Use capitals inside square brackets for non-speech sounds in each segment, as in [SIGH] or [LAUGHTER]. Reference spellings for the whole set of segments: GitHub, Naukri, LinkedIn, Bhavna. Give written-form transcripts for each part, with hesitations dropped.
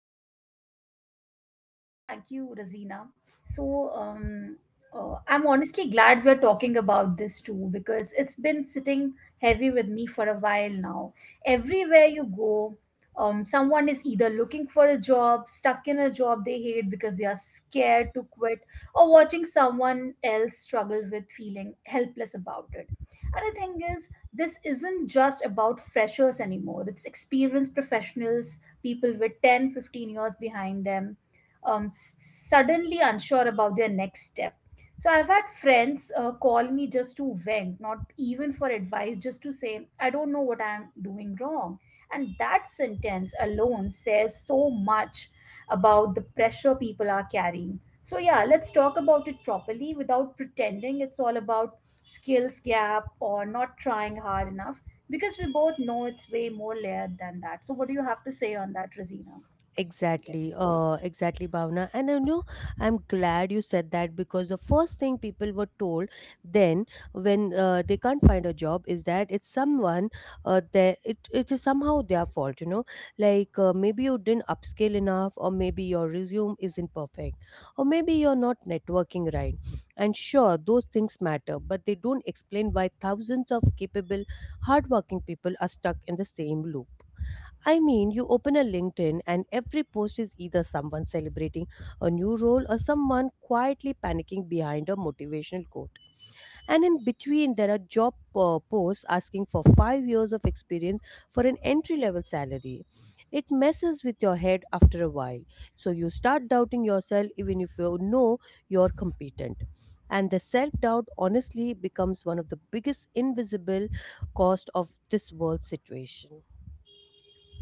So Yes, thank you, Razina. So, um, I'm honestly glad we're talking about this too because it's been sitting heavy with me for a while now. Everywhere you go, someone is either looking for a job, stuck in a job they hate because they are scared to quit, or watching someone else struggle with feeling helpless about it. And the thing is, this isn't just about freshers anymore. It's experienced professionals, people with 10, 15 years behind them, suddenly unsure about their next step. So I've had friends call me just to vent, not even for advice, just to say, I don't know what I'm doing wrong. And that sentence alone says so much about the pressure people are carrying. So, yeah, let's talk about it properly without pretending it's all about skills gap or not trying hard enough because we both know it's way more layered than that. So, what do you have to say on that, Rosina? Yes. Exactly, exactly, Bhavna. And you know, I'm glad you said that because the first thing people were told then when they can't find a job is that it's someone, they, it is somehow their fault, you know, like maybe you didn't upskill enough, or maybe your resume isn't perfect, or maybe you're not networking right. And sure, those things matter, but they don't explain why thousands of capable, hardworking people are stuck in the same loop. I mean, you open a LinkedIn and every post is either someone celebrating a new role or someone quietly panicking behind a motivational quote. And in between, there are job posts asking for 5 years of experience for an entry level salary. It messes with your head after a while. So you start doubting yourself even if you know you're competent. And the self doubt honestly becomes one of the biggest invisible cost of this world situation.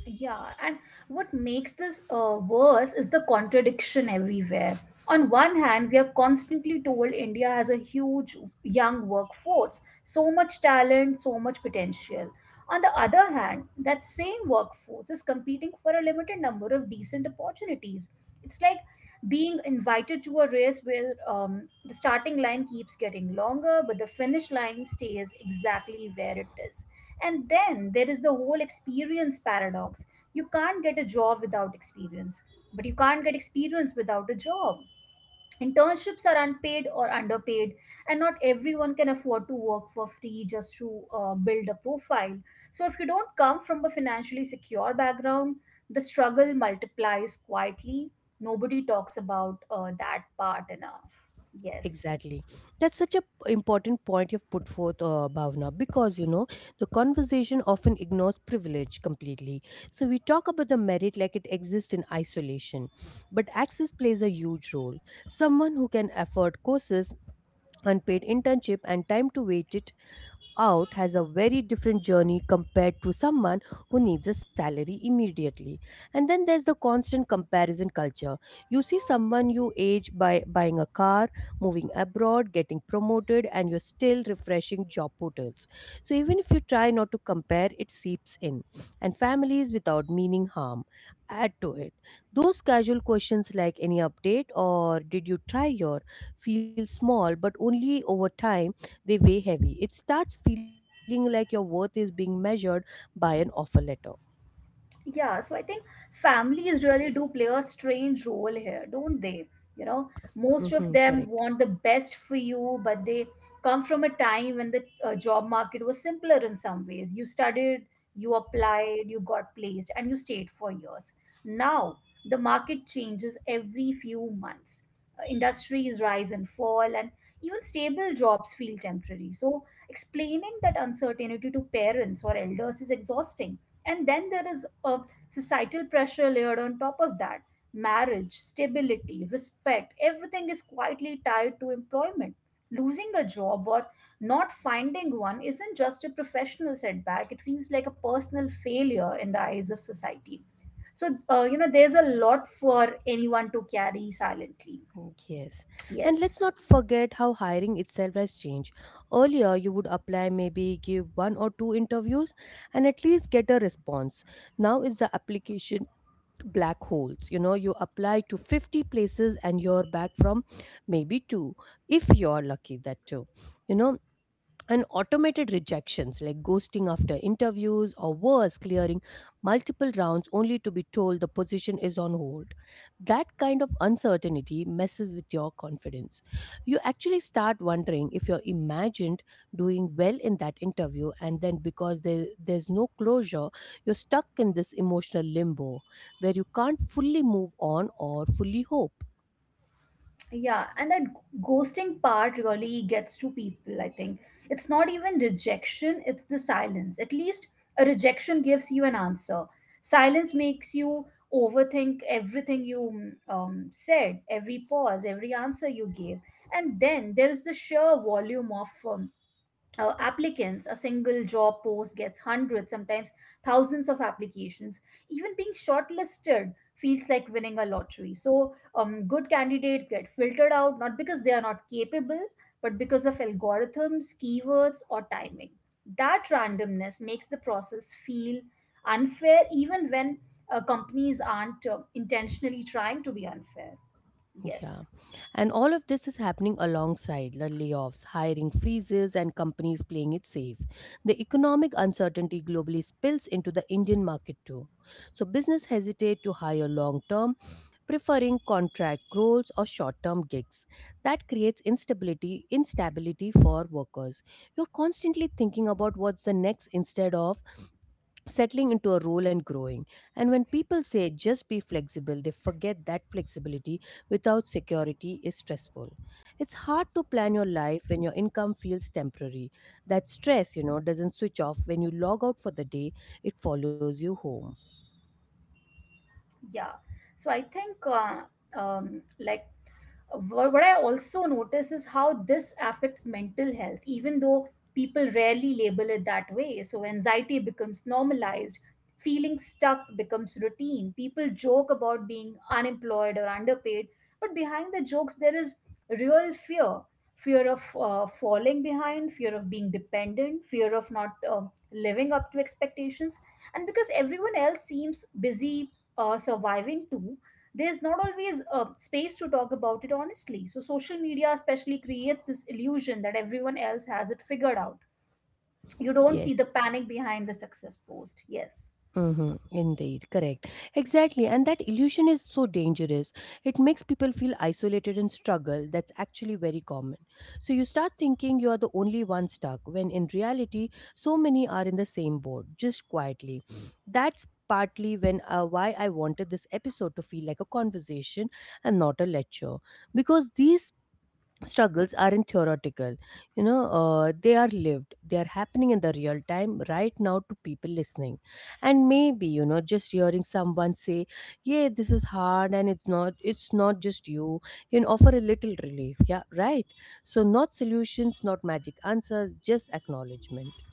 Yeah, and what makes this worse is the contradiction everywhere. On one hand, we are constantly told India has a huge young workforce, so much talent, so much potential. On the other hand, that same workforce is competing for a limited number of decent opportunities. It's like being invited to a race where, the starting line keeps getting longer, but the finish line stays exactly where it is. And then there is the whole experience paradox. You can't get a job without experience, but you can't get experience without a job. Internships are unpaid or underpaid, and not everyone can afford to work for free just to build a profile. So, if you don't come from a financially secure background, the struggle multiplies quietly. Nobody talks about that part enough. Yes. Exactly. That's such a p- important point you've put forth, Bhavna, because you know the conversation often ignores privilege completely. So we talk about the merit like it exists in isolation, but access plays a huge role. Someone who can afford courses, unpaid internship, and time to wait out has a very different journey compared to someone who needs a salary immediately. And then there's the constant comparison culture. You see someone you age by buying a car, moving abroad, getting promoted, and you're still refreshing job portals. So even if you try not to compare, it seeps in. And families without meaning harm add to it. Those casual questions like any update or did you try your feel small but only over time they weigh heavy. It starts feeling like your worth is being measured by an offer letter. Yeah, so I think families really do play a strange role here, don't they? You know, most of Hmm, them want the correct. best for you, but they come from a time when the job market was simpler in some ways. You studied, you applied, you got placed, and you stayed for years. Now, the market changes every few months. Industries rise and fall, and even stable jobs feel temporary. So, explaining that uncertainty to parents or elders is exhausting. And then there is a societal pressure layered on top of that. Marriage, stability, respect, everything is quietly tied to employment. Losing a job or not finding one isn't just a professional setback, it feels like a personal failure in the eyes of society. So, you know, there's a lot for anyone to carry silently. Yes. And let's Yes. not forget how hiring itself has changed. Earlier, you would apply, maybe give one or two interviews and at least get a response. Now is the application black holes. You know, you apply to 50 places and you're back from maybe two, if you're lucky, that too. You know, and automated rejections like ghosting after interviews or worse clearing multiple rounds only to be told the position is on hold, that kind of uncertainty messes with your confidence. You actually start wondering if you're imagined doing well in that interview, and then because there's no closure you're stuck in this emotional limbo where you can't fully move on or fully hope. Yeah, and that ghosting part really gets to people, I think. It's not even rejection, it's the silence. At least a rejection gives you an answer. Silence makes you overthink everything you said, every pause, every answer you gave. And then there is the sheer volume of applicants. A single job post gets hundreds, sometimes thousands of applications. Even being shortlisted feels like winning a lottery. So, good candidates get filtered out not because they are not capable, but because of algorithms, keywords, or timing. That randomness makes the process feel unfair, even when companies aren't intentionally trying to be unfair. Yeah. Yes, And all of this is happening alongside the layoffs, hiring freezes, and companies playing it safe. The economic uncertainty globally spills into the Indian market too. So business hesitate to hire long term, preferring contract roles or short term gigs. That creates instability, instability for workers. You're constantly thinking about what's the next instead of settling into a role and growing. And when people say just be flexible, they forget that flexibility without security is stressful. It's hard to plan your life when your income feels temporary. That stress, you know, doesn't switch off when you log out for the day, it follows you home. yeah. So, I think, like, Wha- What I also notice is how this affects mental health, even though people rarely label it that way. So anxiety becomes normalized, feeling stuck becomes routine. People joke about being unemployed or underpaid, but behind the jokes, there is real fear, fear of falling behind, fear of being dependent, fear of not living up to expectations. And because everyone else seems busy surviving too, there's not always a space to talk about it honestly. So social media especially create this illusion that everyone else has it figured out. You don't see Yes. the panic behind the success post. Yes. Mm-hmm, indeed, correct. Exactly. And that illusion is so dangerous. It makes people feel isolated and struggle. That's actually very common. So you start thinking you are the only one stuck, when in reality, so many are in the same boat, just quietly. That's partly when why I wanted this episode to feel like a conversation and not a lecture. Because these struggles aren't theoretical, you know, they are lived, they are happening in the real time right now to people listening, and maybe you know just hearing someone say yeah this is hard and it's not just you can offer a little relief, yeah, right, so not solutions, not magic answers, just acknowledgement.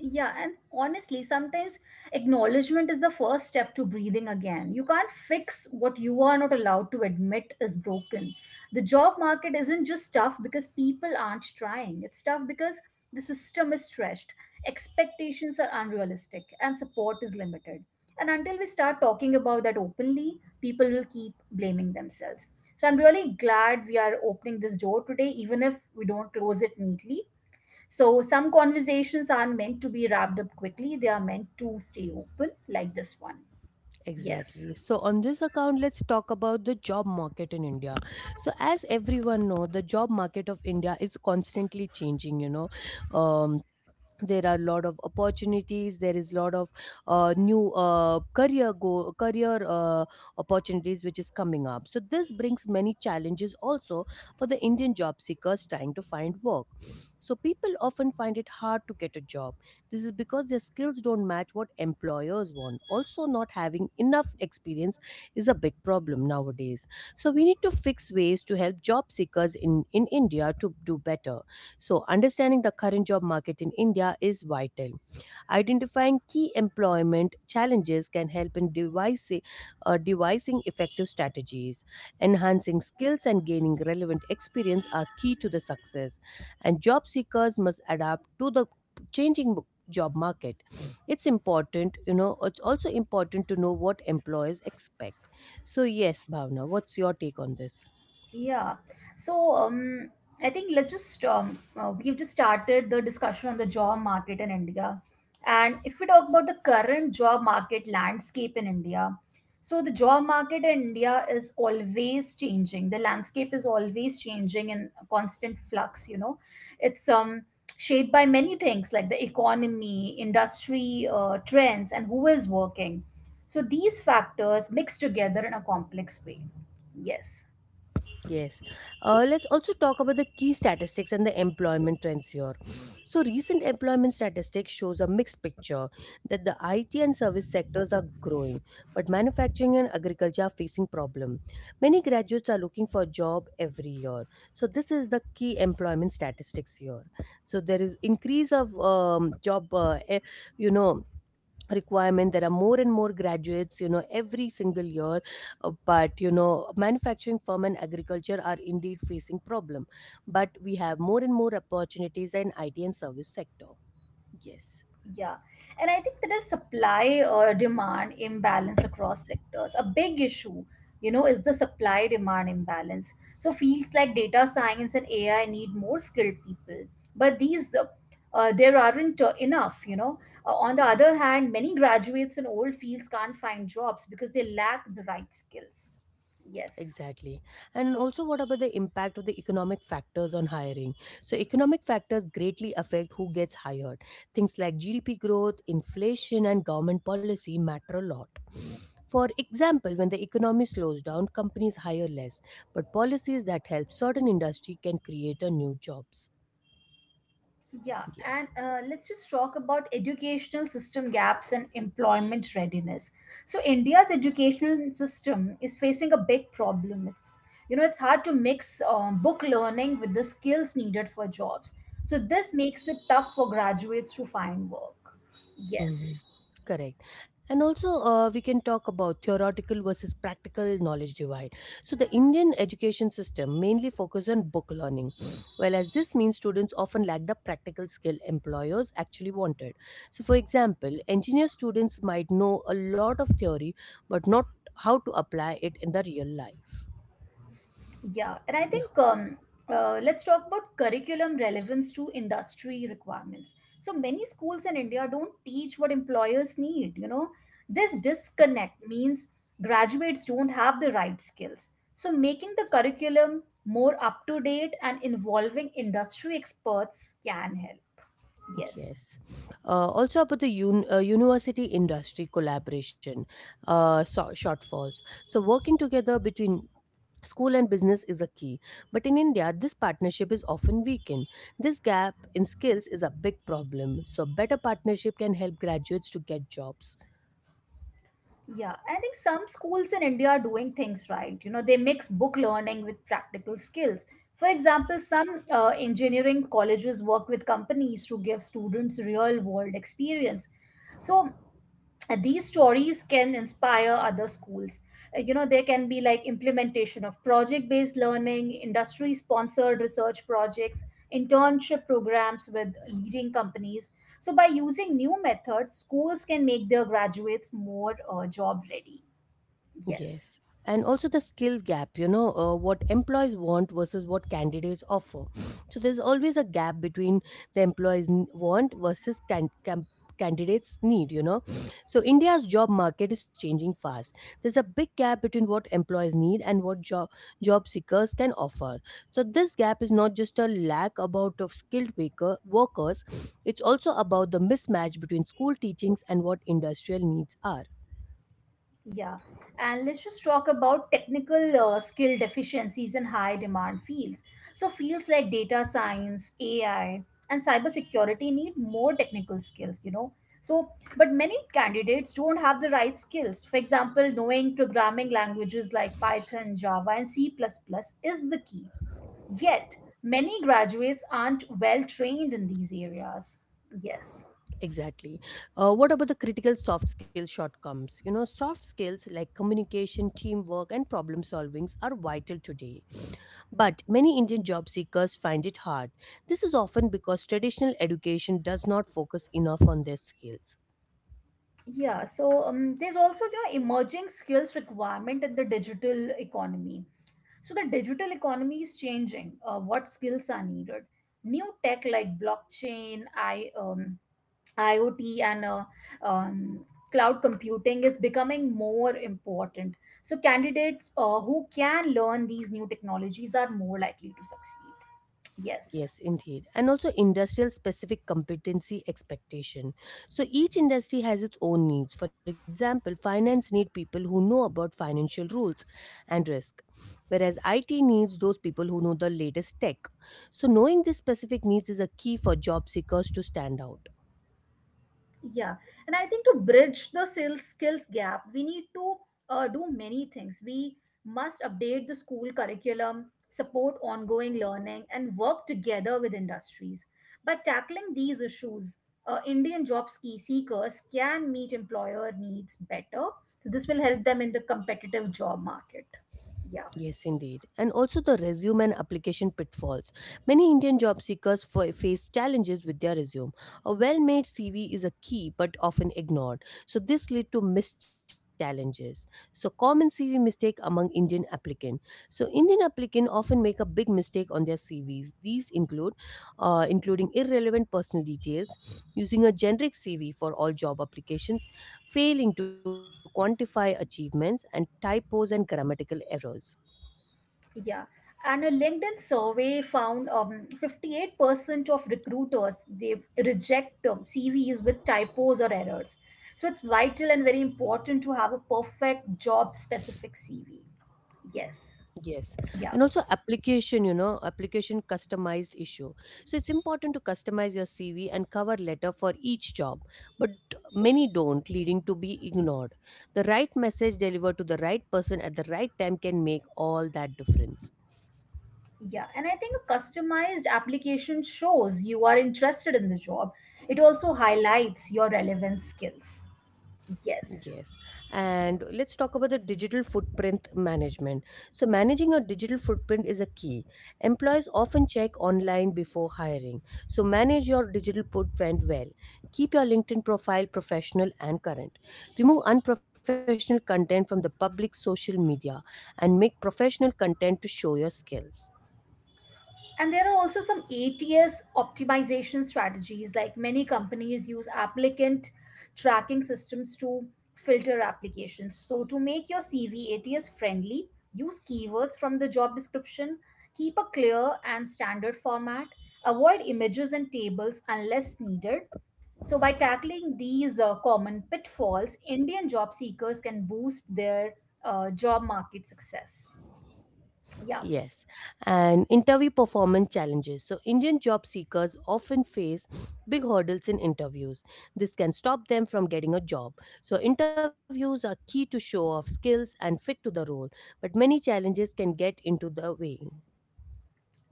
Yeah, and honestly, sometimes acknowledgement is the first step to breathing again. You can't fix what you are not allowed to admit is broken. The job market isn't just tough because people aren't trying, it's tough because the system is stretched, expectations are unrealistic, and support is limited. And until we start talking about that openly, people will keep blaming themselves. So I'm really glad we are opening this door today, even if we don't close it neatly. So some conversations aren't meant to be wrapped up quickly, they are meant to stay open, like this one. Yes. Exactly. So on this account let's talk about the job market in India. So as everyone know the job market of India is constantly changing, you know. Um there are a lot of opportunities, there is a lot of new career opportunities which is coming up, so this brings many challenges also for the indian job seekers trying to find work. So people often find it hard to get a job, this is because their skills don't match what employers want, also not having enough experience is a big problem nowadays. So we need to fix ways to help job seekers in india to do better. So, understanding the current job market in India is vital. Identifying key employment challenges can help in devising effective strategies. Enhancing skills and gaining relevant experience are key to the success, and job seekers must adapt to the changing job market. It's important, you know, it's also important to know what employers expect. So, yes, Bhavna, what's your take on this? Yeah. So um, I think let's just we've just started the discussion on the job market in India, and if we talk about the current job market landscape in India, so the job market in India is always changing. The landscape is always changing in a constant flux. You know, it's shaped by many things like the economy, industry trends, and who is working. So these factors mix together in a complex way. Yes. Yes. Let's also talk about the key statistics and the employment trends here. So, recent employment statistics shows a mixed picture that the IT and service sectors are growing, but manufacturing and agriculture are facing problem. Many graduates are looking for a job every year. So, this is the key employment statistics here. So, there is increase of job, you know, requirement, there are more and more graduates you know every single year. But you know manufacturing firm and agriculture are indeed facing problem, but we have more and more opportunities in IT and service sector, yes. Yeah. And I think there is supply or demand imbalance across sectors. A big issue, you know, is the supply demand imbalance. So fields like data science and AI need more skilled people, but these there aren't enough, you know. On the other hand, many graduates in old fields can't find jobs because they lack the right skills. Yes. Exactly. And also, what about the impact of the economic factors on hiring? So, economic factors greatly affect who gets hired. Things like GDP growth, inflation, and government policy matter a lot. For example, when the economy slows down, companies hire less, but policies that help certain industry can create a new jobs. Yeah, and Yes. Let's just talk about educational system gaps and employment readiness. So India's educational system is facing a big problem. It's, you know, it's hard to mix book learning with the skills needed for jobs. So this makes it tough for graduates to find work. Yes. Mhm. Correct. And also, we can talk about theoretical versus practical knowledge divide. So, the Indian education system mainly focuses on book learning, whereas this means students often lack the practical skill employers actually wanted. So, for example, engineer students might know a lot of theory but not how to apply it in the real life. Yeah, and I Yeah. think Let's talk about curriculum relevance to industry requirements. So many schools in India don't teach what employers need, you know. This disconnect means graduates don't have the right skills. So making the curriculum more up to date and involving industry experts can help. Yes. Yes. Also about the university industry collaboration, shortfalls. So working together between school and business is a key. But in India, this partnership is often weakened. This gap in skills is a big problem. So better partnership can help graduates to get jobs. Yeah, I think some schools in India are doing things right. You know, they mix book learning with practical skills. For example, some engineering colleges work with companies to give students real world experience. So, and these stories can inspire other schools. You know, there can be like implementation of project based learning, industry sponsored research projects, internship programs with leading companies. So by using new methods, schools can make their graduates more job ready. Yes. Yes. And also the skills gap, you know, what employees want versus what candidates offer. So there's always a gap between the employees want versus candidates need, you know. So India's job market is changing fast. There's a big gap between what employees need and what job seekers can offer. So this gap is not just a lack about of skilled workers, it's also about the mismatch between school teachings and what industrial needs are. Yeah, and let's just talk about technical skill deficiencies in high demand fields. So, fields like data science, AI, and cybersecurity need more technical skills, you know. So, but many candidates don't have the right skills. For example, knowing programming languages like Python, Java, and C++ plus plus is the key. Yet, many graduates aren't well trained in these areas. Yes. Exactly. What about the critical soft skill shortcomings? You know, soft skills like communication, teamwork, and problem solvings are vital today. But many Indian job seekers find it hard. This is often because traditional education does not focus enough on their skills. There's also, you know, emerging skills requirement in the digital economy. So the digital economy is changing. What skills are needed? New tech like blockchain, I IoT, and um, cloud computing is becoming more important. So candidates who can learn these new technologies are more likely to succeed. Yes. Yes, indeed. And also industrial specific competency expectation. So each industry has its own needs. For example, finance need people who know about financial rules and risk, whereas IT needs those people who know the latest tech. So knowing these specific needs is a key for job seekers to stand out. Yeah, and I think to bridge the sales skills gap, we need to do many things. We must update the school curriculum, support ongoing learning, and work together with industries. By tackling these issues, Indian job ski seekers can meet employer needs better. So this will help them in the competitive job market. Yeah. Yes, indeed. And also the resume and application pitfalls. Many Indian job seekers face challenges with their resume. A well made CV is a key but often ignored. So, this leads to missed challenges. So, common CV mistake among Indian applicant. So, Indian applicant often make a big mistake on their CVs. These include including irrelevant personal details, using a generic CV for all job applications, failing to quantify achievements, and typos and grammatical errors. Yeah, and a LinkedIn survey found 58% of recruiters they reject CVs with typos or errors. So it's vital and very important to have a perfect job specific CV. Yes. Yes. Yeah. And also application, you know, application customized issue. So it's important to customize your CV and cover letter for each job, but many don't, leading to be ignored. The right message delivered to the right person at the right time can make all that difference. Yeah. And I think a customized application shows you are interested in the job. It also highlights your relevant skills. Yes. Yes. And let's talk about the digital footprint management. So, managing your digital footprint is a key. Employees often check online before hiring. So, manage your digital footprint well. Keep your LinkedIn profile professional and current. Remove unprofessional content from the public social media and make professional content to show your skills. And there are also some ATS optimization strategies, like many companies use applicant tracking systems to filter applications. So, to make your CV ATS friendly, use keywords from the job description, keep a clear and standard format, avoid images and tables unless needed. So, by tackling these common pitfalls, Indian job seekers can boost their job market success. Yeah. Yes, and interview performance challenges. So, Indian job seekers often face [SNIFFS] big hurdles in interviews. This can stop them from getting a job. So, interviews are key to show off skills and fit to the role, but many challenges can get into the way.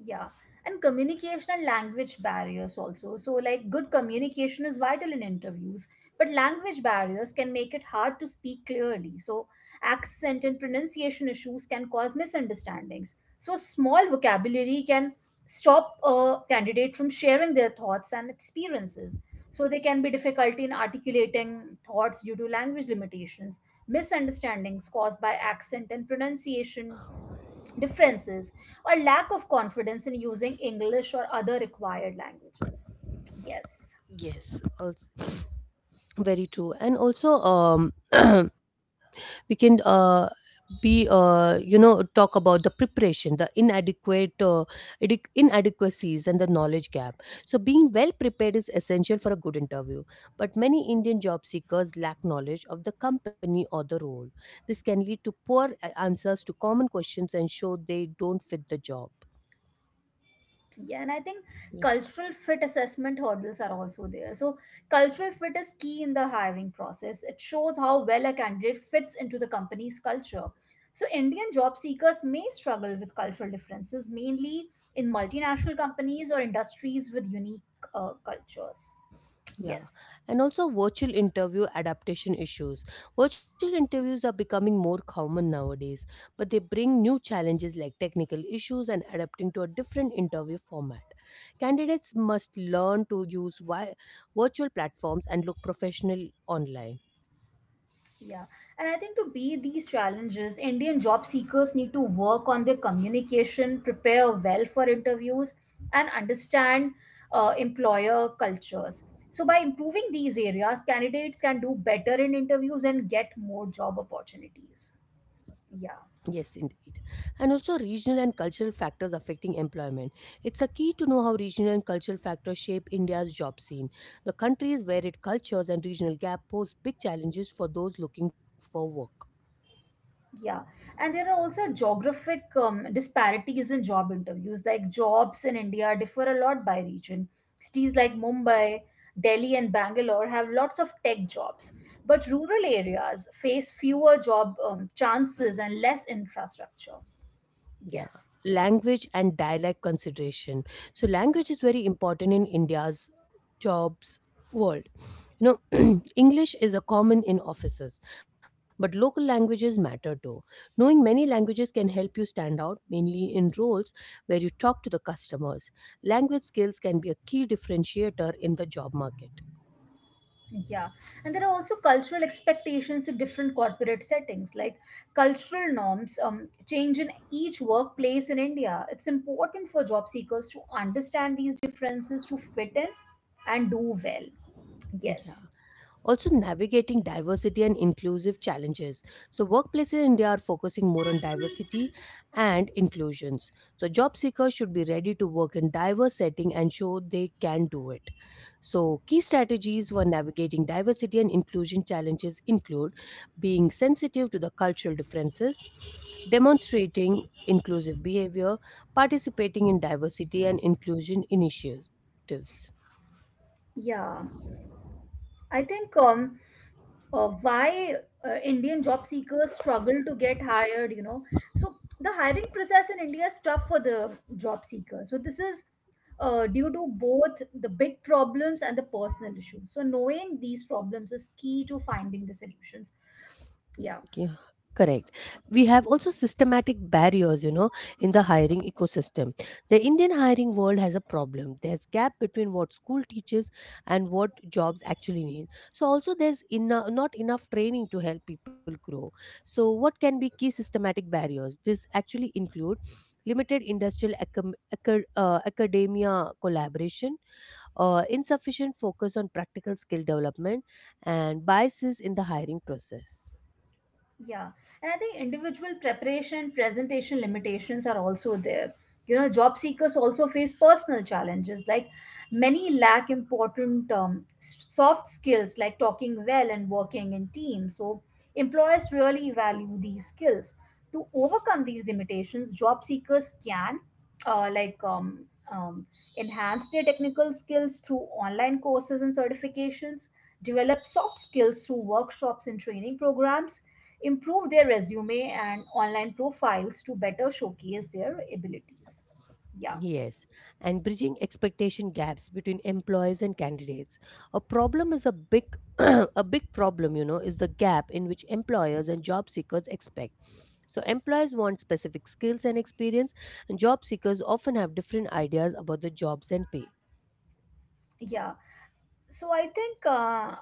Yeah, and communication and language barriers also. So, like, good communication is vital in interviews, but language barriers can make it hard to speak clearly. So, accent and pronunciation issues can cause misunderstandings. So, small vocabulary can stop a candidate from sharing their thoughts and experiences. So, there can be difficulty in articulating thoughts due to language limitations, misunderstandings caused by accent and pronunciation differences or lack of confidence in using English or other required languages. Yes. Yes, also, [SNIFFS] very true. And also, [CLEARS THROAT] we can be talk about the preparation, the inadequate inadequacies and the knowledge gap. So being well prepared is essential for a good interview, but many Indian job seekers lack knowledge of the company or the role. This can lead to poor answers to common questions and show they don't fit the job. Yeah, and I think cultural fit assessment hurdles are also there. So, cultural fit is key in the hiring process. It shows how well a candidate fits into the company's culture. So, Indian job seekers may struggle with cultural differences, mainly in multinational companies or industries with unique cultures. Yeah, Yes. and also virtual interview adaptation issues. Virtual interviews are becoming more common nowadays, but they bring new challenges like technical issues and adapting to a different interview format. Candidates must learn to use virtual platforms and look professional online. Yeah, and I think to beat these challenges, Indian job seekers need to work on their communication, prepare well for interviews, and understand employer cultures. So, by improving these areas, candidates can do better in interviews and get more job opportunities. Yeah. Yes, indeed. And also regional and cultural factors affecting employment. It's a key to know how regional and cultural factors shape India's job scene. The countries where it cultures and regional gap pose big challenges for those looking for work. Yeah, and there are also geographic disparities in job interviews. Like jobs in India differ a lot by region. Cities like Mumbai, Delhi, and Bangalore have lots of tech jobs, but rural areas face fewer job chances and less infrastructure. Yeah. Yes. Language and dialect consideration. So language is very important in India's jobs world. You know, [CLEARS THROAT] English is a common in offices, but local languages matter too. Knowing many languages can help you stand out, mainly in roles where you talk to the customers. Language skills can be a key differentiator in the job market. Yeah, and there are also cultural expectations in different corporate settings, like cultural norms change in each workplace in India. It's important for job seekers to understand these differences to fit in and do well. Yeah. Yes, Also navigating diversity and inclusive challenges. So, workplaces in India are focusing more on diversity and inclusions. So, job seekers should be ready to work in diverse setting and show they can do it. So, key strategies for navigating diversity and inclusion challenges include being sensitive to the cultural differences, demonstrating inclusive behavior, participating in diversity and inclusion initiatives. yeah, I think why Indian job seekers struggle to get hired, you know. So the hiring process in India is tough for the job seekers. So this is due to both the big problems and the personal issues. So knowing these problems is key to finding the solutions. Yeah. Yeah, correct. We have also systematic barriers, you know, in the hiring ecosystem. The Indian hiring world has a problem. There's gap between what school teaches and what jobs actually need. So also there's not enough training to help people grow. So what can be key systematic barriers? This actually include limited industrial academia collaboration, insufficient focus on practical skill development, and biases in the hiring process. Yeah, and I think individual preparation, and presentation limitations are also there. You know, job seekers also face personal challenges. Like many lack important soft skills like talking well and working in teams. So employers really value these skills. To overcome these limitations, job seekers can uh, like um, um, enhance their technical skills through online courses and certifications, develop soft skills through workshops and training programs, improve their resume and online profiles to better showcase their abilities. Yeah. Yes, and bridging expectation gaps between employees and candidates. A problem is a big [CLEARS THROAT] a big problem, you know, is the gap in which employers and job seekers expect. So employers want specific skills and experience, and job seekers often have different ideas about the jobs and pay. Yeah, so I think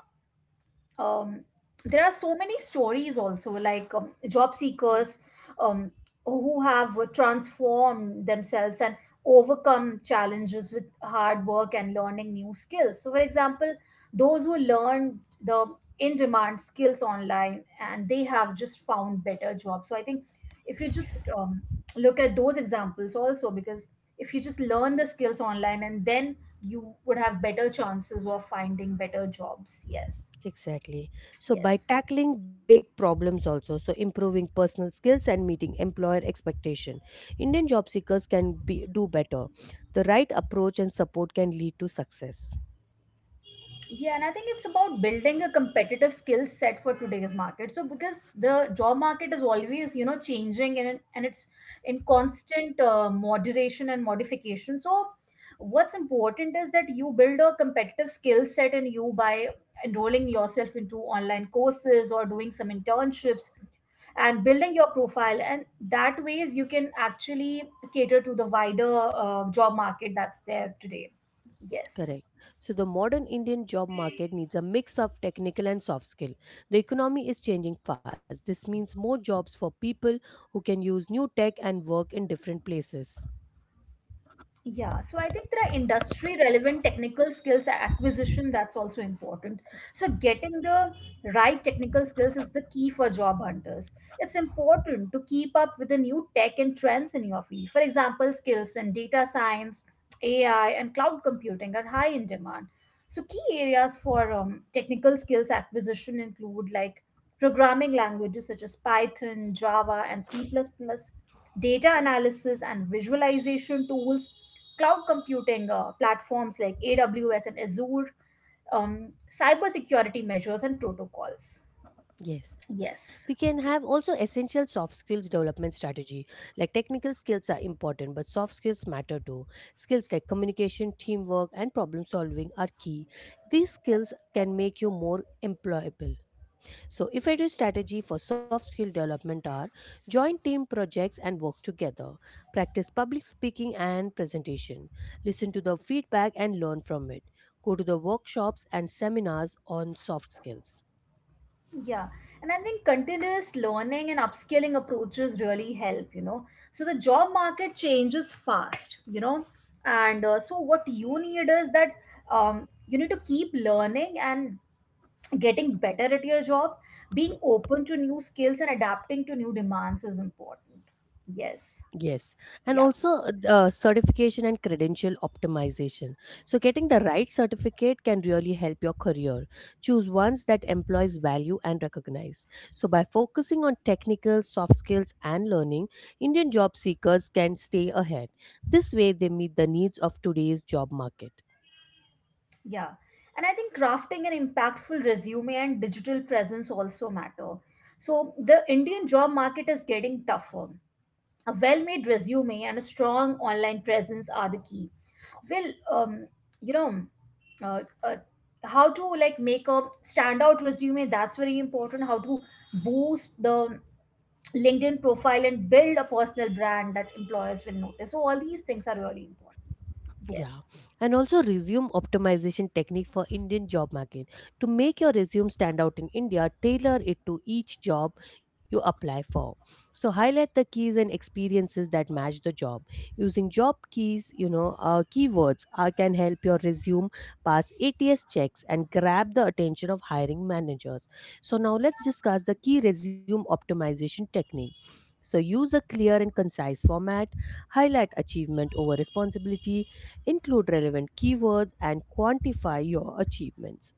um, there are so many stories also like job seekers um, who have transformed themselves and overcome challenges with hard work and learning new skills. So for example, those who learned the in demand skills online and they have just found better jobs. So I think if you just look at those examples also, because if you just learn the skills online and then you would have better chances of finding better jobs. Yes. Exactly. So Yes. by tackling big problems also, so improving personal skills and meeting employer expectation, Indian job seekers can be do better. The right approach and support can lead to success. Yeah, and I think it's about building a competitive skill set for today's market. So because the job market is always, you know, changing and it's in constant moderation and modification. So what's important is that you build a competitive skill set in you by enrolling yourself into online courses or doing some internships and building your profile, and that ways you can actually cater to the wider job market that's there today. Yes. Correct. So the modern Indian job market needs a mix of technical and soft skill. The economy is changing fast. This means more jobs for people who can use new tech and work in different places. Yeah, so I think there are industry relevant technical skills acquisition that's also important. So, getting the right technical skills is the key for job hunters. It's important to keep up with the new tech and trends in your field. For example, skills in data science, AI, and cloud computing are high in demand. So, key areas for technical skills acquisition include like programming languages such as Python, Java, and C plus plus, data analysis and visualization tools, cloud computing platforms like AWS and Azure, cybersecurity measures and protocols. Yes, Yes, we can have also essential soft skills development strategy. Like technical skills are important, but soft skills matter too. Skills like communication, teamwork, and problem solving are key. These skills can make you more employable. So, effective strategy for soft skill development are join team projects and work together. Practice public speaking and presentation. Listen to the feedback and learn from it. Go to the workshops and seminars on soft skills. yeah. And I think continuous learning and upskilling approaches really help, you know. So the job market changes fast, you know. And so what you need is that you need to keep learning and getting better at your job. Being open to new skills and adapting to new demands is important. Yes. Yes, and Yeah. also certification and credential optimization. So, getting the right certificate can really help your career. Choose ones that employees value and recognize. So, by focusing on technical, soft skills, and learning, Indian job seekers can stay ahead. This way, they meet the needs of today's job market. Yeah. And I think crafting an impactful resume and digital presence also matter. So the Indian job market is getting tougher. A well-made resume and a strong online presence are the key. Well, um, you know, uh, uh, how to like make a standout resume, that's very important. How to boost the LinkedIn profile and build a personal brand that employers will notice. So all these things are really important. Yes. Yeah, and also resume optimization technique for Indian job market. To make your resume stand out in India, tailor it to each job you apply for. So highlight the keys and experiences that match the job. Using job keys, you know, keywords can help your resume pass ATS checks and grab the attention of hiring managers. So now let's discuss the key resume optimization technique. So use a clear and concise format, highlight achievement over responsibility, include relevant keywords, and quantify your achievements.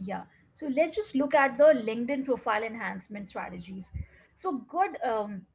Yeah. So let's just look at the LinkedIn profile enhancement strategies. So good.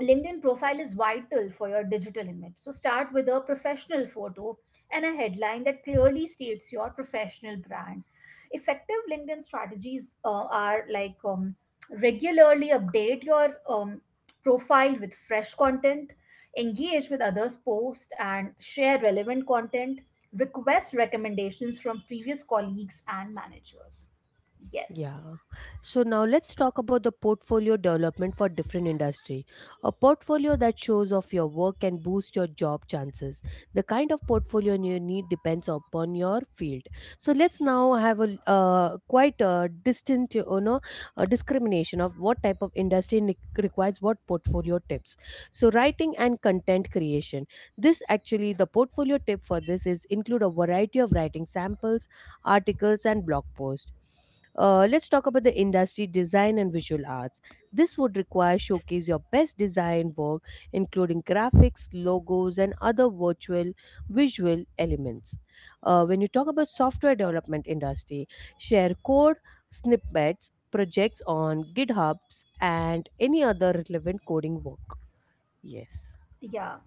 LinkedIn profile is vital for your digital image. So start with a professional photo and a headline that clearly states your professional brand. Effective LinkedIn strategies are like regularly update your profile with fresh content, engage with others' posts, and share relevant content. Request recommendations from previous colleagues and managers. Yes. Yeah. So now let's talk about the portfolio development for different industry. A portfolio that shows off your work can boost your job chances. The kind of portfolio you need depends upon your field. So let's now have a quite a distinct, you know, a discrimination of what type of industry requires what portfolio tips. So writing and content creation. This actually the portfolio tip for this is include a variety of writing samples, articles, and blog posts. Let's talk about the industry design and visual arts. This would require showcase your best design work, including graphics, logos, and other virtual visual elements. When you talk about software development industry, share code snippets, projects on GitHubs, and any other relevant coding work. Yes. Yeah.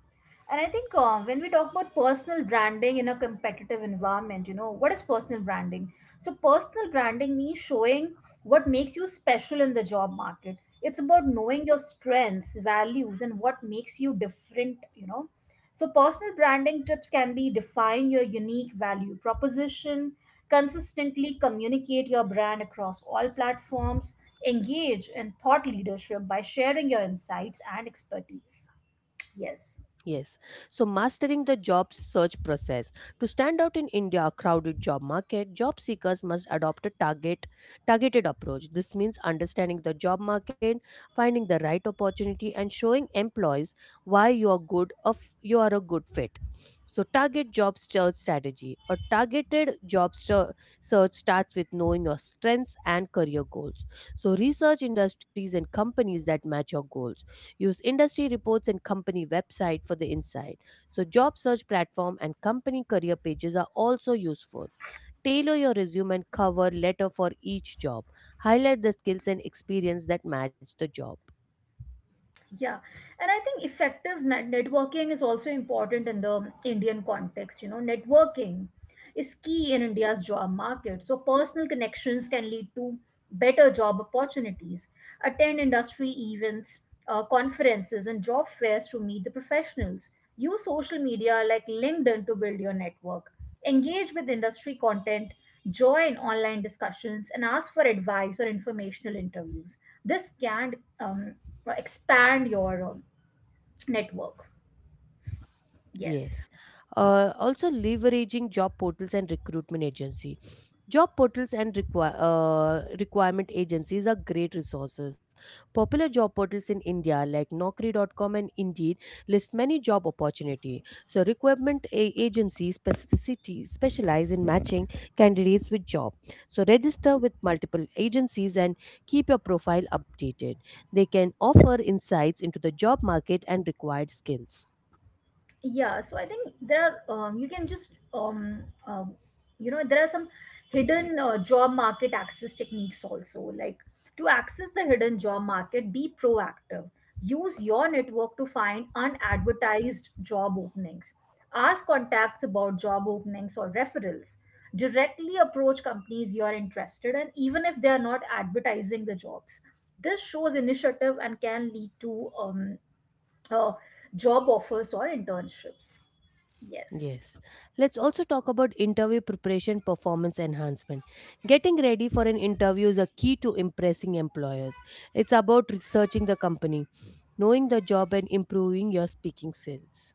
And I think when we talk about personal branding in a competitive environment, you know, what is personal branding? So, personal branding means showing what makes you special in the job market. It's about knowing your strengths, values, and what makes you different, you know. So, personal branding tips can be define your unique value proposition, consistently communicate your brand across all platforms, engage in thought leadership by sharing your insights and expertise. Yes. Yes. So mastering the job search process. To stand out in India crowded job market, job seekers must adopt a targeted approach. This means understanding the job market, finding the right opportunity and showing employees why you are a good fit. So target job search strategy. A targeted search starts with knowing your strengths and career goals. So research industries and companies that match your goals. Use industry reports and company website for the insight. So job search platform and company career pages are also useful. Tailor your resume and cover letter for each job. Highlight the skills and experience that match the job. Yeah. And I think effective networking is also important in the Indian context. You know, networking is key in India's job market. So, personal connections can lead to better job opportunities. Attend industry events, conferences, and job fairs to meet the professionals. Use social media like LinkedIn to build your network. Engage with industry content, join online discussions, and ask for advice or informational interviews. This can um, expand your network. Yes. Yes. Also, leveraging job portals and recruitment agency. Job portals and requirement agencies are great resources. Popular job portals in India like Naukri.com and Indeed list many job opportunity. So, agencies specificity specialize in matching candidates with job. So, register with multiple agencies and keep your profile updated. They can offer insights into the job market and required skills. Yeah, so I think there are you can just you know, there are some hidden job market access techniques also, like to access the hidden job market be proactive, use your network to find unadvertised job openings, ask contacts about job openings or referrals, directly approach companies you are interested in even if they are not advertising the jobs. This shows initiative and can lead to uh, job offers or internships. Yes. Yes. Let's also talk about interview preparation performance enhancement. Getting ready for an interview is a key to impressing employers. It's about researching the company, knowing the job, and improving your speaking skills.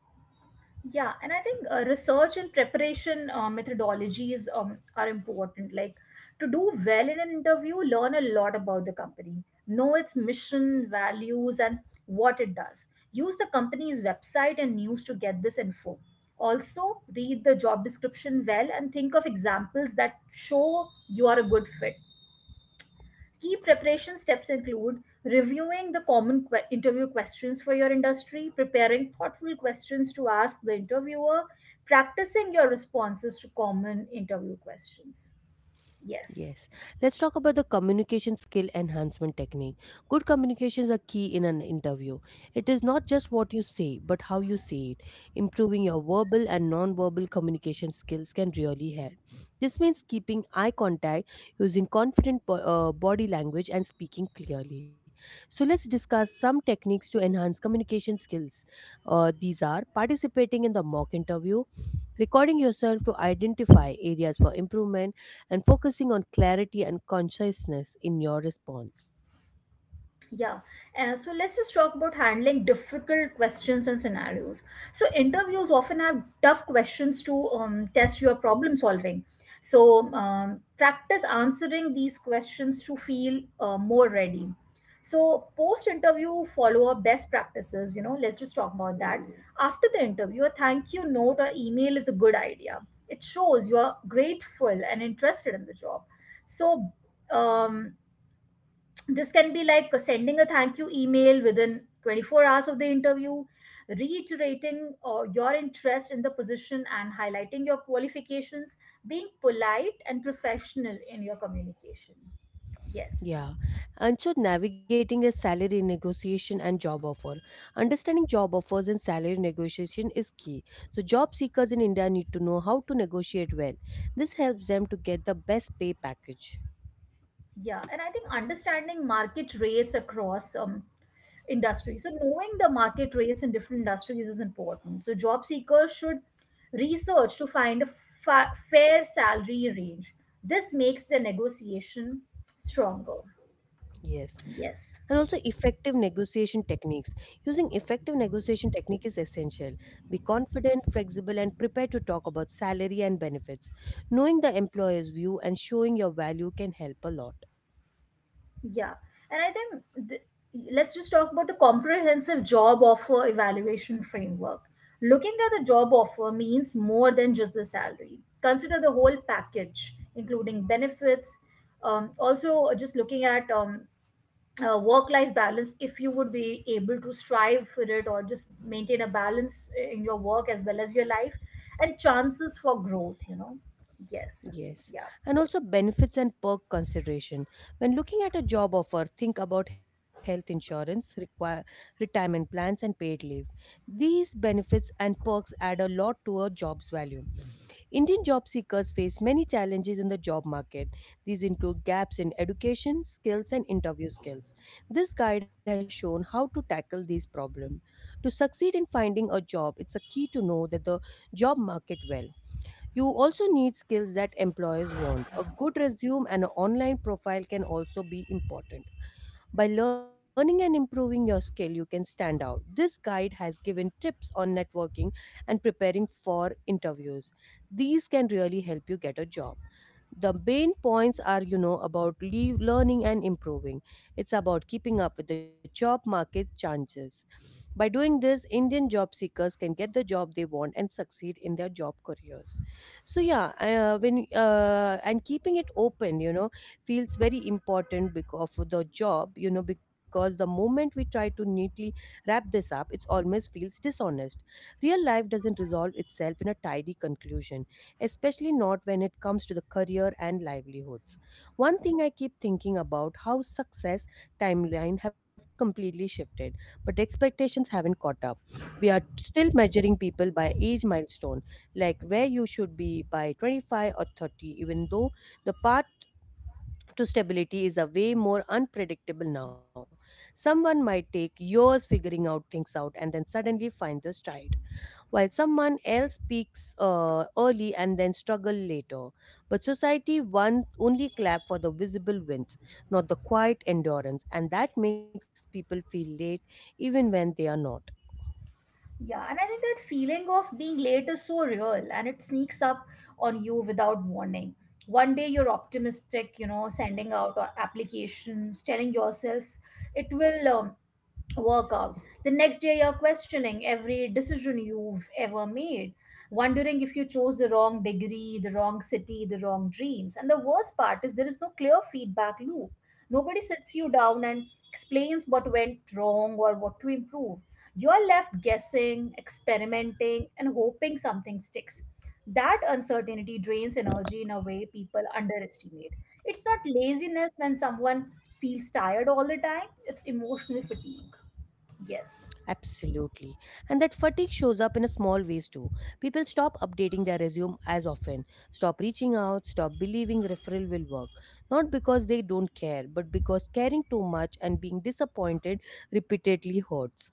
Yeah, and I think research and preparation methodologies are important. Like to do well in an interview, learn a lot about the company, know its mission, values, and what it does. Use the company's website and news to get this info. Also, read the job description well and think of examples that show you are a good fit. Key preparation steps include reviewing the common interview questions for your industry, preparing thoughtful questions to ask the interviewer, practicing your responses to common interview questions. Yes. Yes. Let's talk about the communication skill enhancement technique. Good communication is a key in an interview. It is not just what you say, but how you say it. Improving your verbal and non-verbal communication skills can really help. This means keeping eye contact, using confident body language, and speaking clearly. So, let's discuss some techniques to enhance communication skills. These are participating in the mock interview, recording yourself to identify areas for improvement and focusing on clarity and consciousness in your response. Yeah, and so let's just talk about handling difficult questions and scenarios. So interviews often have tough questions to test your problem solving. So practice answering these questions to feel more ready. So post interview follow up best practices. You know, let's just talk about that. After the interview, a thank you note or email is a good idea. It shows you are grateful and interested in the job. So um, this can be like sending a thank you email within 24 hours of the interview, reiterating or your interest in the position and highlighting your qualifications, being polite and professional in your communication. Yes. Yeah. And so navigating a salary negotiation and job offer. Understanding job offers and salary negotiation is key. So job seekers in India need to know how to negotiate well. This helps them to get the best pay package. Yeah, and I think understanding market rates across industries. So knowing the market rates in different industries is important. So job seekers should research to find a fair salary range. This makes the negotiation stronger. Yes, Yes. and also effective negotiation techniques. Using effective negotiation technique is essential. Be confident, flexible, and prepared to talk about salary and benefits. Knowing the employer's view and showing your value can help a lot. Yeah, and I think let's just talk about the comprehensive job offer evaluation framework. Looking at the job offer means more than just the salary. Consider the whole package, including benefits. Also, just looking at work-life balance, if you would be able to strive for it or just maintain a balance in your work as well as your life, and chances for growth. You know, yes, Yes, yeah. and also benefits and perk consideration. When looking at a job offer, think about health insurance, require retirement plans, and paid leave. These benefits and perks add a lot to a job's value. Indian job seekers face many challenges in the job market. These include gaps in education, skills, and interview skills. This guide has shown how to tackle these problems. To succeed in finding a job, it's a key to know that the job market well. You also need skills that employers want. A good resume and an online profile can also be important. By learning and improving your skill, you can stand out. This guide has given tips on networking and preparing for interviews. These can really help you get a job. The main points are about learning and improving. It's about keeping up with the job market changes. By doing this, indian job seekers can get the job they want and succeed in their job careers. So yeah, when and keeping it open feels very important because of the job, because the moment we try to neatly wrap this up, it almost feels dishonest. Real life doesn't resolve itself in a tidy conclusion, especially not when it comes to the career and livelihoods. One thing I keep thinking about: how success timeline have completely shifted, but expectations haven't caught up. We are still measuring people by age milestone, like where you should be by 25 or 30, even though the path to stability is a way more unpredictable now. Someone might take years figuring out things out and then suddenly find the stride, while someone else peaks early and then struggle later. But society wants only clap for the visible wins, not the quiet endurance, and that makes people feel late even when they are not. Yeah, and I think that feeling of being late is so real and it sneaks up on you without warning. One day you're optimistic, you know, sending out applications, telling yourselves it will workout. The next day, you're questioning every decision you've ever made, wondering if you chose the wrong degree, the wrong city, the wrong dreams. And the worst part is there is no clear feedback loop. Nobody sits you down and explains what went wrong or what to improve. You're left guessing, experimenting, and hoping something sticks. That uncertainty drains energy in a way people underestimate. It's not laziness when someone feels tired all the time, it's emotional fatigue. Yes, Absolutely. And that fatigue shows up in a small ways too. People stop updating their resume as often, stop reaching out, stop believing referral will work. Not because they don't care, but because caring too much and being disappointed repeatedly hurts.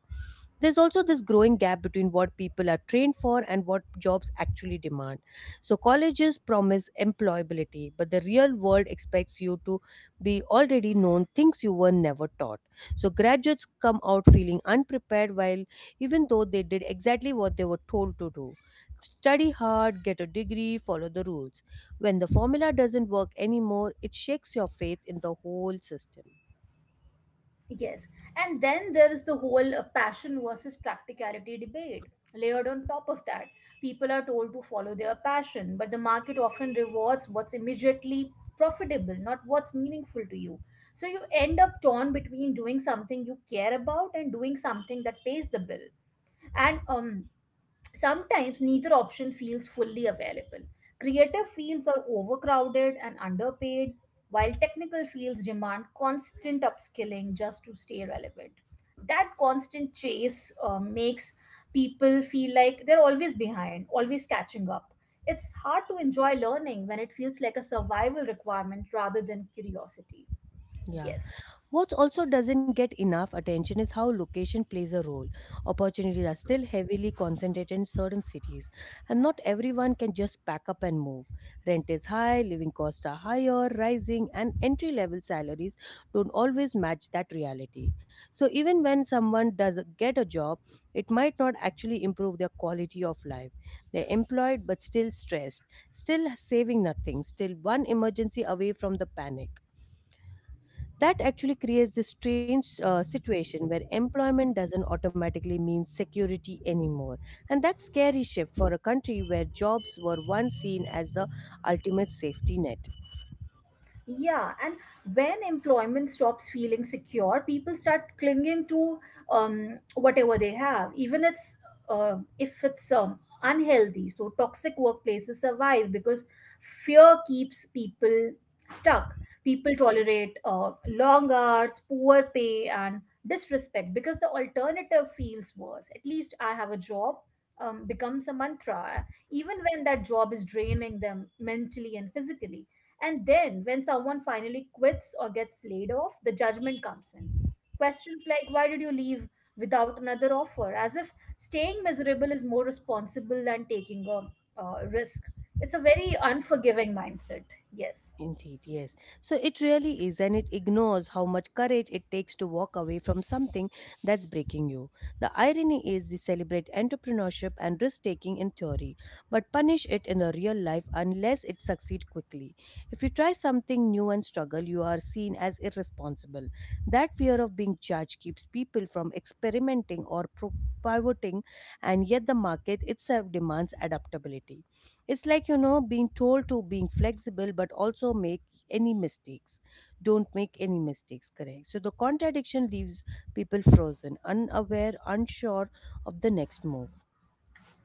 There's also this growing gap between what people are trained for and what jobs actually demand. So, colleges promise employability, but the real world expects you to be already known things you were never taught. So graduates come out feeling unprepared while even though they did exactly what they were told to do. Study hard, get a degree, follow the rules. When the formula doesn't work anymore, it shakes your faith in the whole system. yes. And then there is the whole passion versus practicality debate. Layered on top of that, people are told to follow their passion, but the market often rewards what's immediately profitable, not what's meaningful to you. So you end up torn between doing something you care about and doing something that pays the bill. And Sometimes neither option feels fully available. Creative fields are overcrowded and underpaid, while technical fields demand constant upskilling just to stay relevant. That constant chase makes people feel like they're always behind, always catching up. It's hard to enjoy learning when it feels like a survival requirement rather than curiosity. Yeah. Yes. What also doesn't get enough attention is how location plays a role. Opportunities are still heavily concentrated in certain cities, and not everyone can just pack up and move. Rent is high, living costs are higher, rising, and entry level salaries don't always match that reality. So, even when someone does get a job, it might not actually improve their quality of life. They're employed but still stressed, still saving nothing, still one emergency away from the panic. That actually creates this strange situation where employment doesn't automatically mean security anymore. And that's scary shift for a country where jobs were once seen as the ultimate safety net. Yeah, and when employment stops feeling secure, people start clinging to whatever they have, even it's if it's unhealthy. So toxic workplaces survive because fear keeps people stuck. People tolerate long hours, poor pay, and disrespect because the alternative feels worse. At least I have a job becomes a mantra, even when that job is draining them mentally and physically. And then, when someone finally quits or gets laid off, the judgment comes in. Questions like, why did you leave without another offer? As if staying miserable is more responsible than taking a risk. It's a very unforgiving mindset. Yes. Indeed, yes. So it really is, and it ignores how much courage it takes to walk away from something that's breaking you. The irony is, we celebrate entrepreneurship and risk taking in theory, but punish it in the real life unless it succeeds quickly. If you try something new and struggle, you are seen as irresponsible. That fear of being judged keeps people from experimenting or pivoting, and yet the market itself demands adaptability. It's like, you know, being told to being flexible, but also make any mistakes. Don't make any mistakes, correct? So the contradiction leaves people frozen, unaware, unsure of the next move.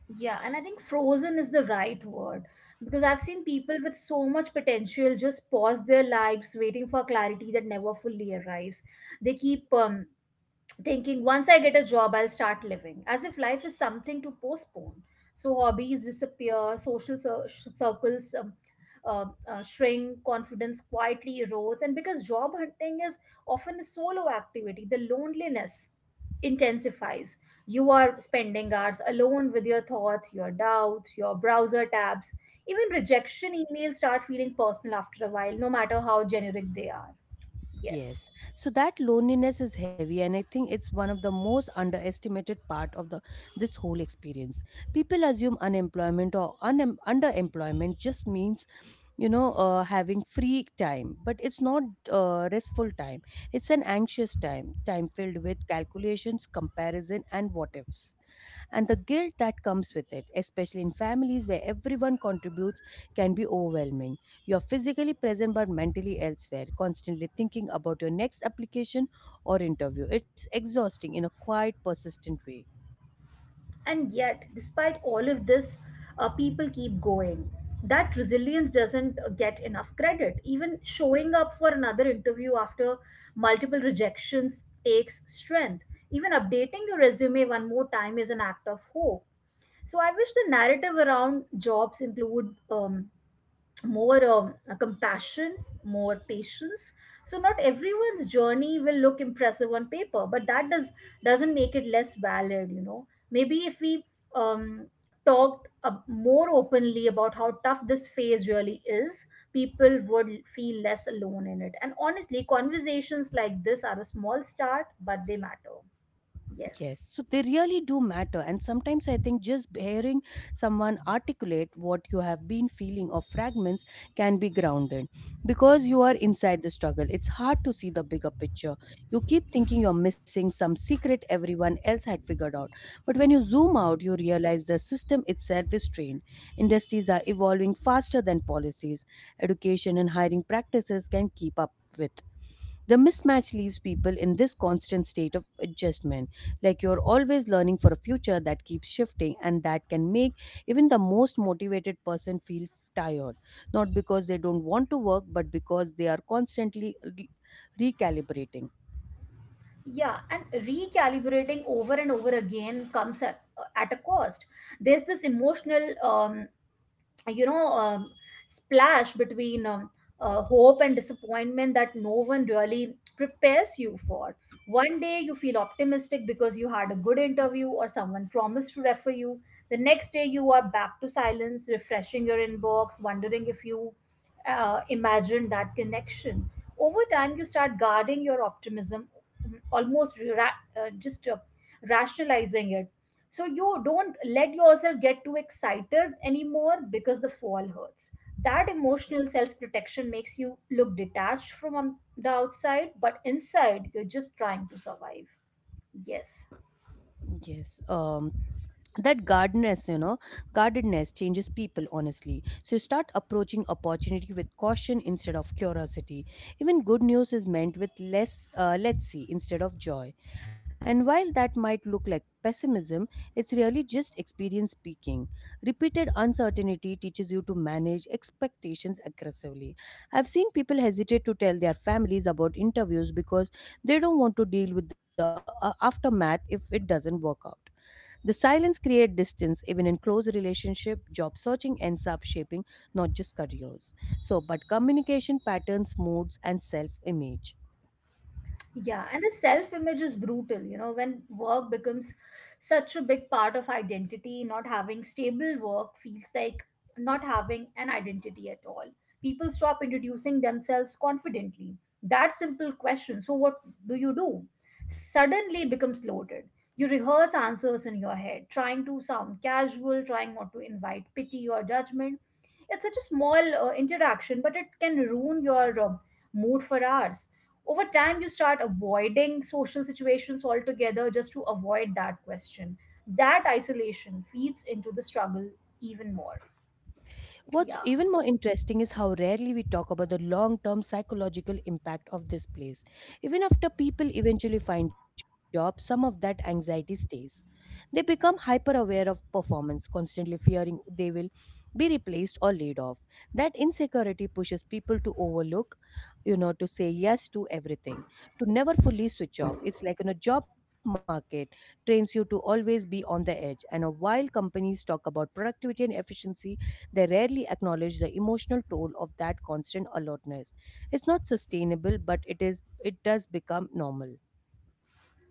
Yeah, and I think frozen is the right word because I've seen people with so much potential just pause their lives waiting for clarity that never fully arrives. They keep thinking once I get a job, I'll start living, as if life is something to postpone. So hobbies disappear, social circles shrink, confidence quietly erodes, and because job hunting is often a solo activity, the loneliness intensifies. You are spending hours alone with your thoughts, your doubts, your browser tabs. Even rejection emails start feeling personal after a while, no matter how generic they are. Yes. Yes. So that loneliness is heavy and I think it's one of the most underestimated part of the this whole experience. People assume unemployment or underemployment just means, having free time, but it's not restful time. It's an anxious time filled with calculations, comparison and what ifs, and the guilt that comes with it, especially in families where everyone contributes, can be overwhelming. You're physically present but mentally elsewhere, constantly thinking about your next application or interview. It's exhausting in a quiet, persistent way. And yet, despite all of this, people keep going. That resilience doesn't get enough credit. Even showing up for another interview after multiple rejections takes strength. Even updating your resume one more time is an act of hope. So I wish the narrative around jobs include more compassion, more patience. So not everyone's journey will look impressive on paper, but that doesn't make it less valid. You know, maybe if we um, talked more openly about how tough this phase really is, people would feel less alone in it. And honestly, conversations like this are a small start, but they matter. Yes. Yes, so they really do matter. And sometimes I think just hearing someone articulate what you have been feeling or fragments can be grounded, because you are inside the struggle. It's hard to see the bigger picture. You keep thinking you're missing some secret everyone else had figured out. But when you zoom out, you realize the system itself is strained. Industries are evolving faster than policies. Education and hiring practices can keep up with. The mismatch leaves people in this constant state of adjustment, like you're always learning for a future that keeps shifting, and that can make even the most motivated person feel tired, not because they don't want to work, but because they are constantly recalibrating. Yeah, and recalibrating over and over again comes at a cost. There's this emotional you know um, splash between hope and disappointment that no one really prepares you for. One day you feel optimistic because you had a good interview or someone promised to refer you. The next day you are back to silence, refreshing your inbox, wondering if you imagine that connection. Over time you start guarding your optimism, mm, almost ra- just rationalizing it, so you don't let yourself get too excited anymore because the fall hurts. That emotional self protection makes you look detached from the outside, but inside you're just trying to survive. Yes. Yes. That guardedness, you know, guardedness changes people, honestly. So you start approaching opportunity with caution instead of curiosity. Even good news is meant with less, let's see, instead of joy. And while that might look like pessimism, it's really just experience speaking. Repeated uncertainty teaches you to manage expectations aggressively. I've seen people hesitate to tell their families about interviews because they don't want to deal with the aftermath if it doesn't work out. The silence creates distance even in close relationship, job searching ends up shaping not just careers. So but communication patterns, moods and self-image. Yeah, and the self image is brutal, you know, when work becomes such a big part of identity, not having stable work feels like not having an identity at all. People stop introducing themselves confidently. That simple question, so what do you do? Suddenly becomes loaded. You rehearse answers in your head, trying to sound casual, trying not to invite pity or judgment. It's such a small interaction, but it can ruin your mood for hours. Over time you start avoiding social situations altogether just to avoid that question. That isolation feeds into the struggle even more. What's even Yeah. more interesting is how rarely we talk about the long term psychological impact of this place. Even after people eventually find jobs, some of that anxiety stays. They become hyper aware of performance, constantly fearing they will be replaced or laid off. That insecurity pushes people to overlook, you know, to say yes to everything, to never fully switch off. It's like in a job market trains you to always be on the edge. And while companies talk about productivity and efficiency, they rarely acknowledge the emotional toll of that constant alertness. It's not sustainable, but it does become normal.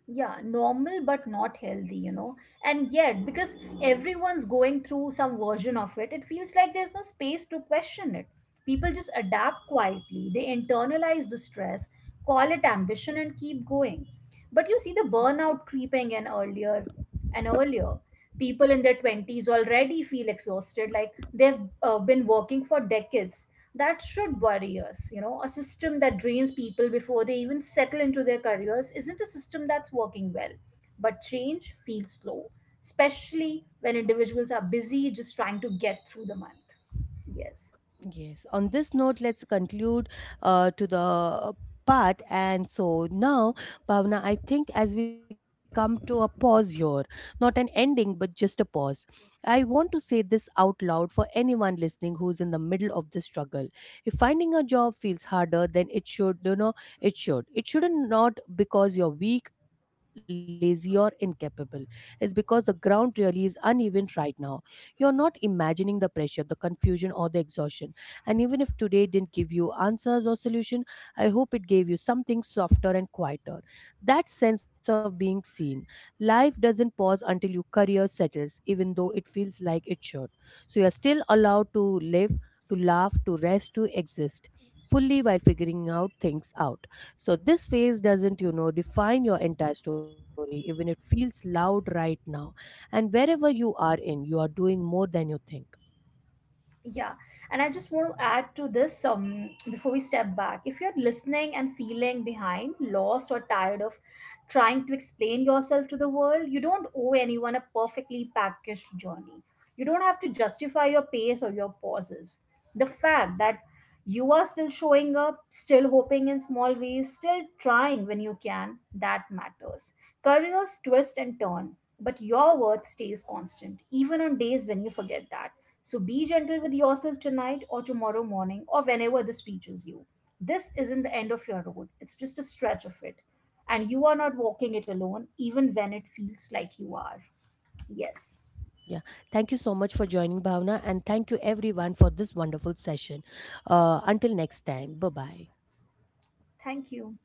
Yeah, normal but not healthy, you know. And yet because everyone's going through some version of it, it feels like there's no space to question it. People just adapt quietly, they internalize the stress, call it ambition and keep going. But you see the burnout creeping in earlier and earlier. People in their 20s already feel exhausted, like they've been working for decades. That should worry us. You know, a system that drains people before they even settle into their careers isn't a system that's working well. But change feels slow, especially when individuals are busy just trying to get through the month. Yes. Yes, on this note, let's conclude to the part. And so now, Bhavna, I think as we come to a pause here, not an ending, but just a pause, I want to say this out loud for anyone listening who's in the middle of the struggle. If finding a job feels harder than it should, you know, It shouldn't, not because you're weak, lazy, or incapable. It's because the ground really is uneven right now. You're not imagining the pressure, the confusion, or the exhaustion, and even if today didn't give you answers or solution, I hope it gave you something softer and quieter. That sense of being seen. Life doesn't pause until your career settles, even though it feels like it should. So you are still allowed to live, to laugh, to rest, to exist fully while figuring out things out. So this phase doesn't, you know, define your entire story, even it feels loud right now. And wherever you are in, you are doing more than you think. Yeah, and I just want to add to this before we step back. If you're listening and feeling behind, lost, or tired of trying to explain yourself to the world, you don't owe anyone a perfectly packaged journey. You don't have to justify your pace or your pauses. The fact that you are still showing up, still hoping in small ways, still trying when you can, that matters. Careers twist and turn, but your worth stays constant, even on days when you forget that. So be gentle with yourself tonight or tomorrow morning or whenever this reaches you. This isn't the end of your road, it's just a stretch of it. And you are not walking it alone, even when it feels like you are. Yes. Yeah, thank you so much for joining, Bhavna, and thank you everyone for this wonderful session. Until next time, bye bye. Thank you.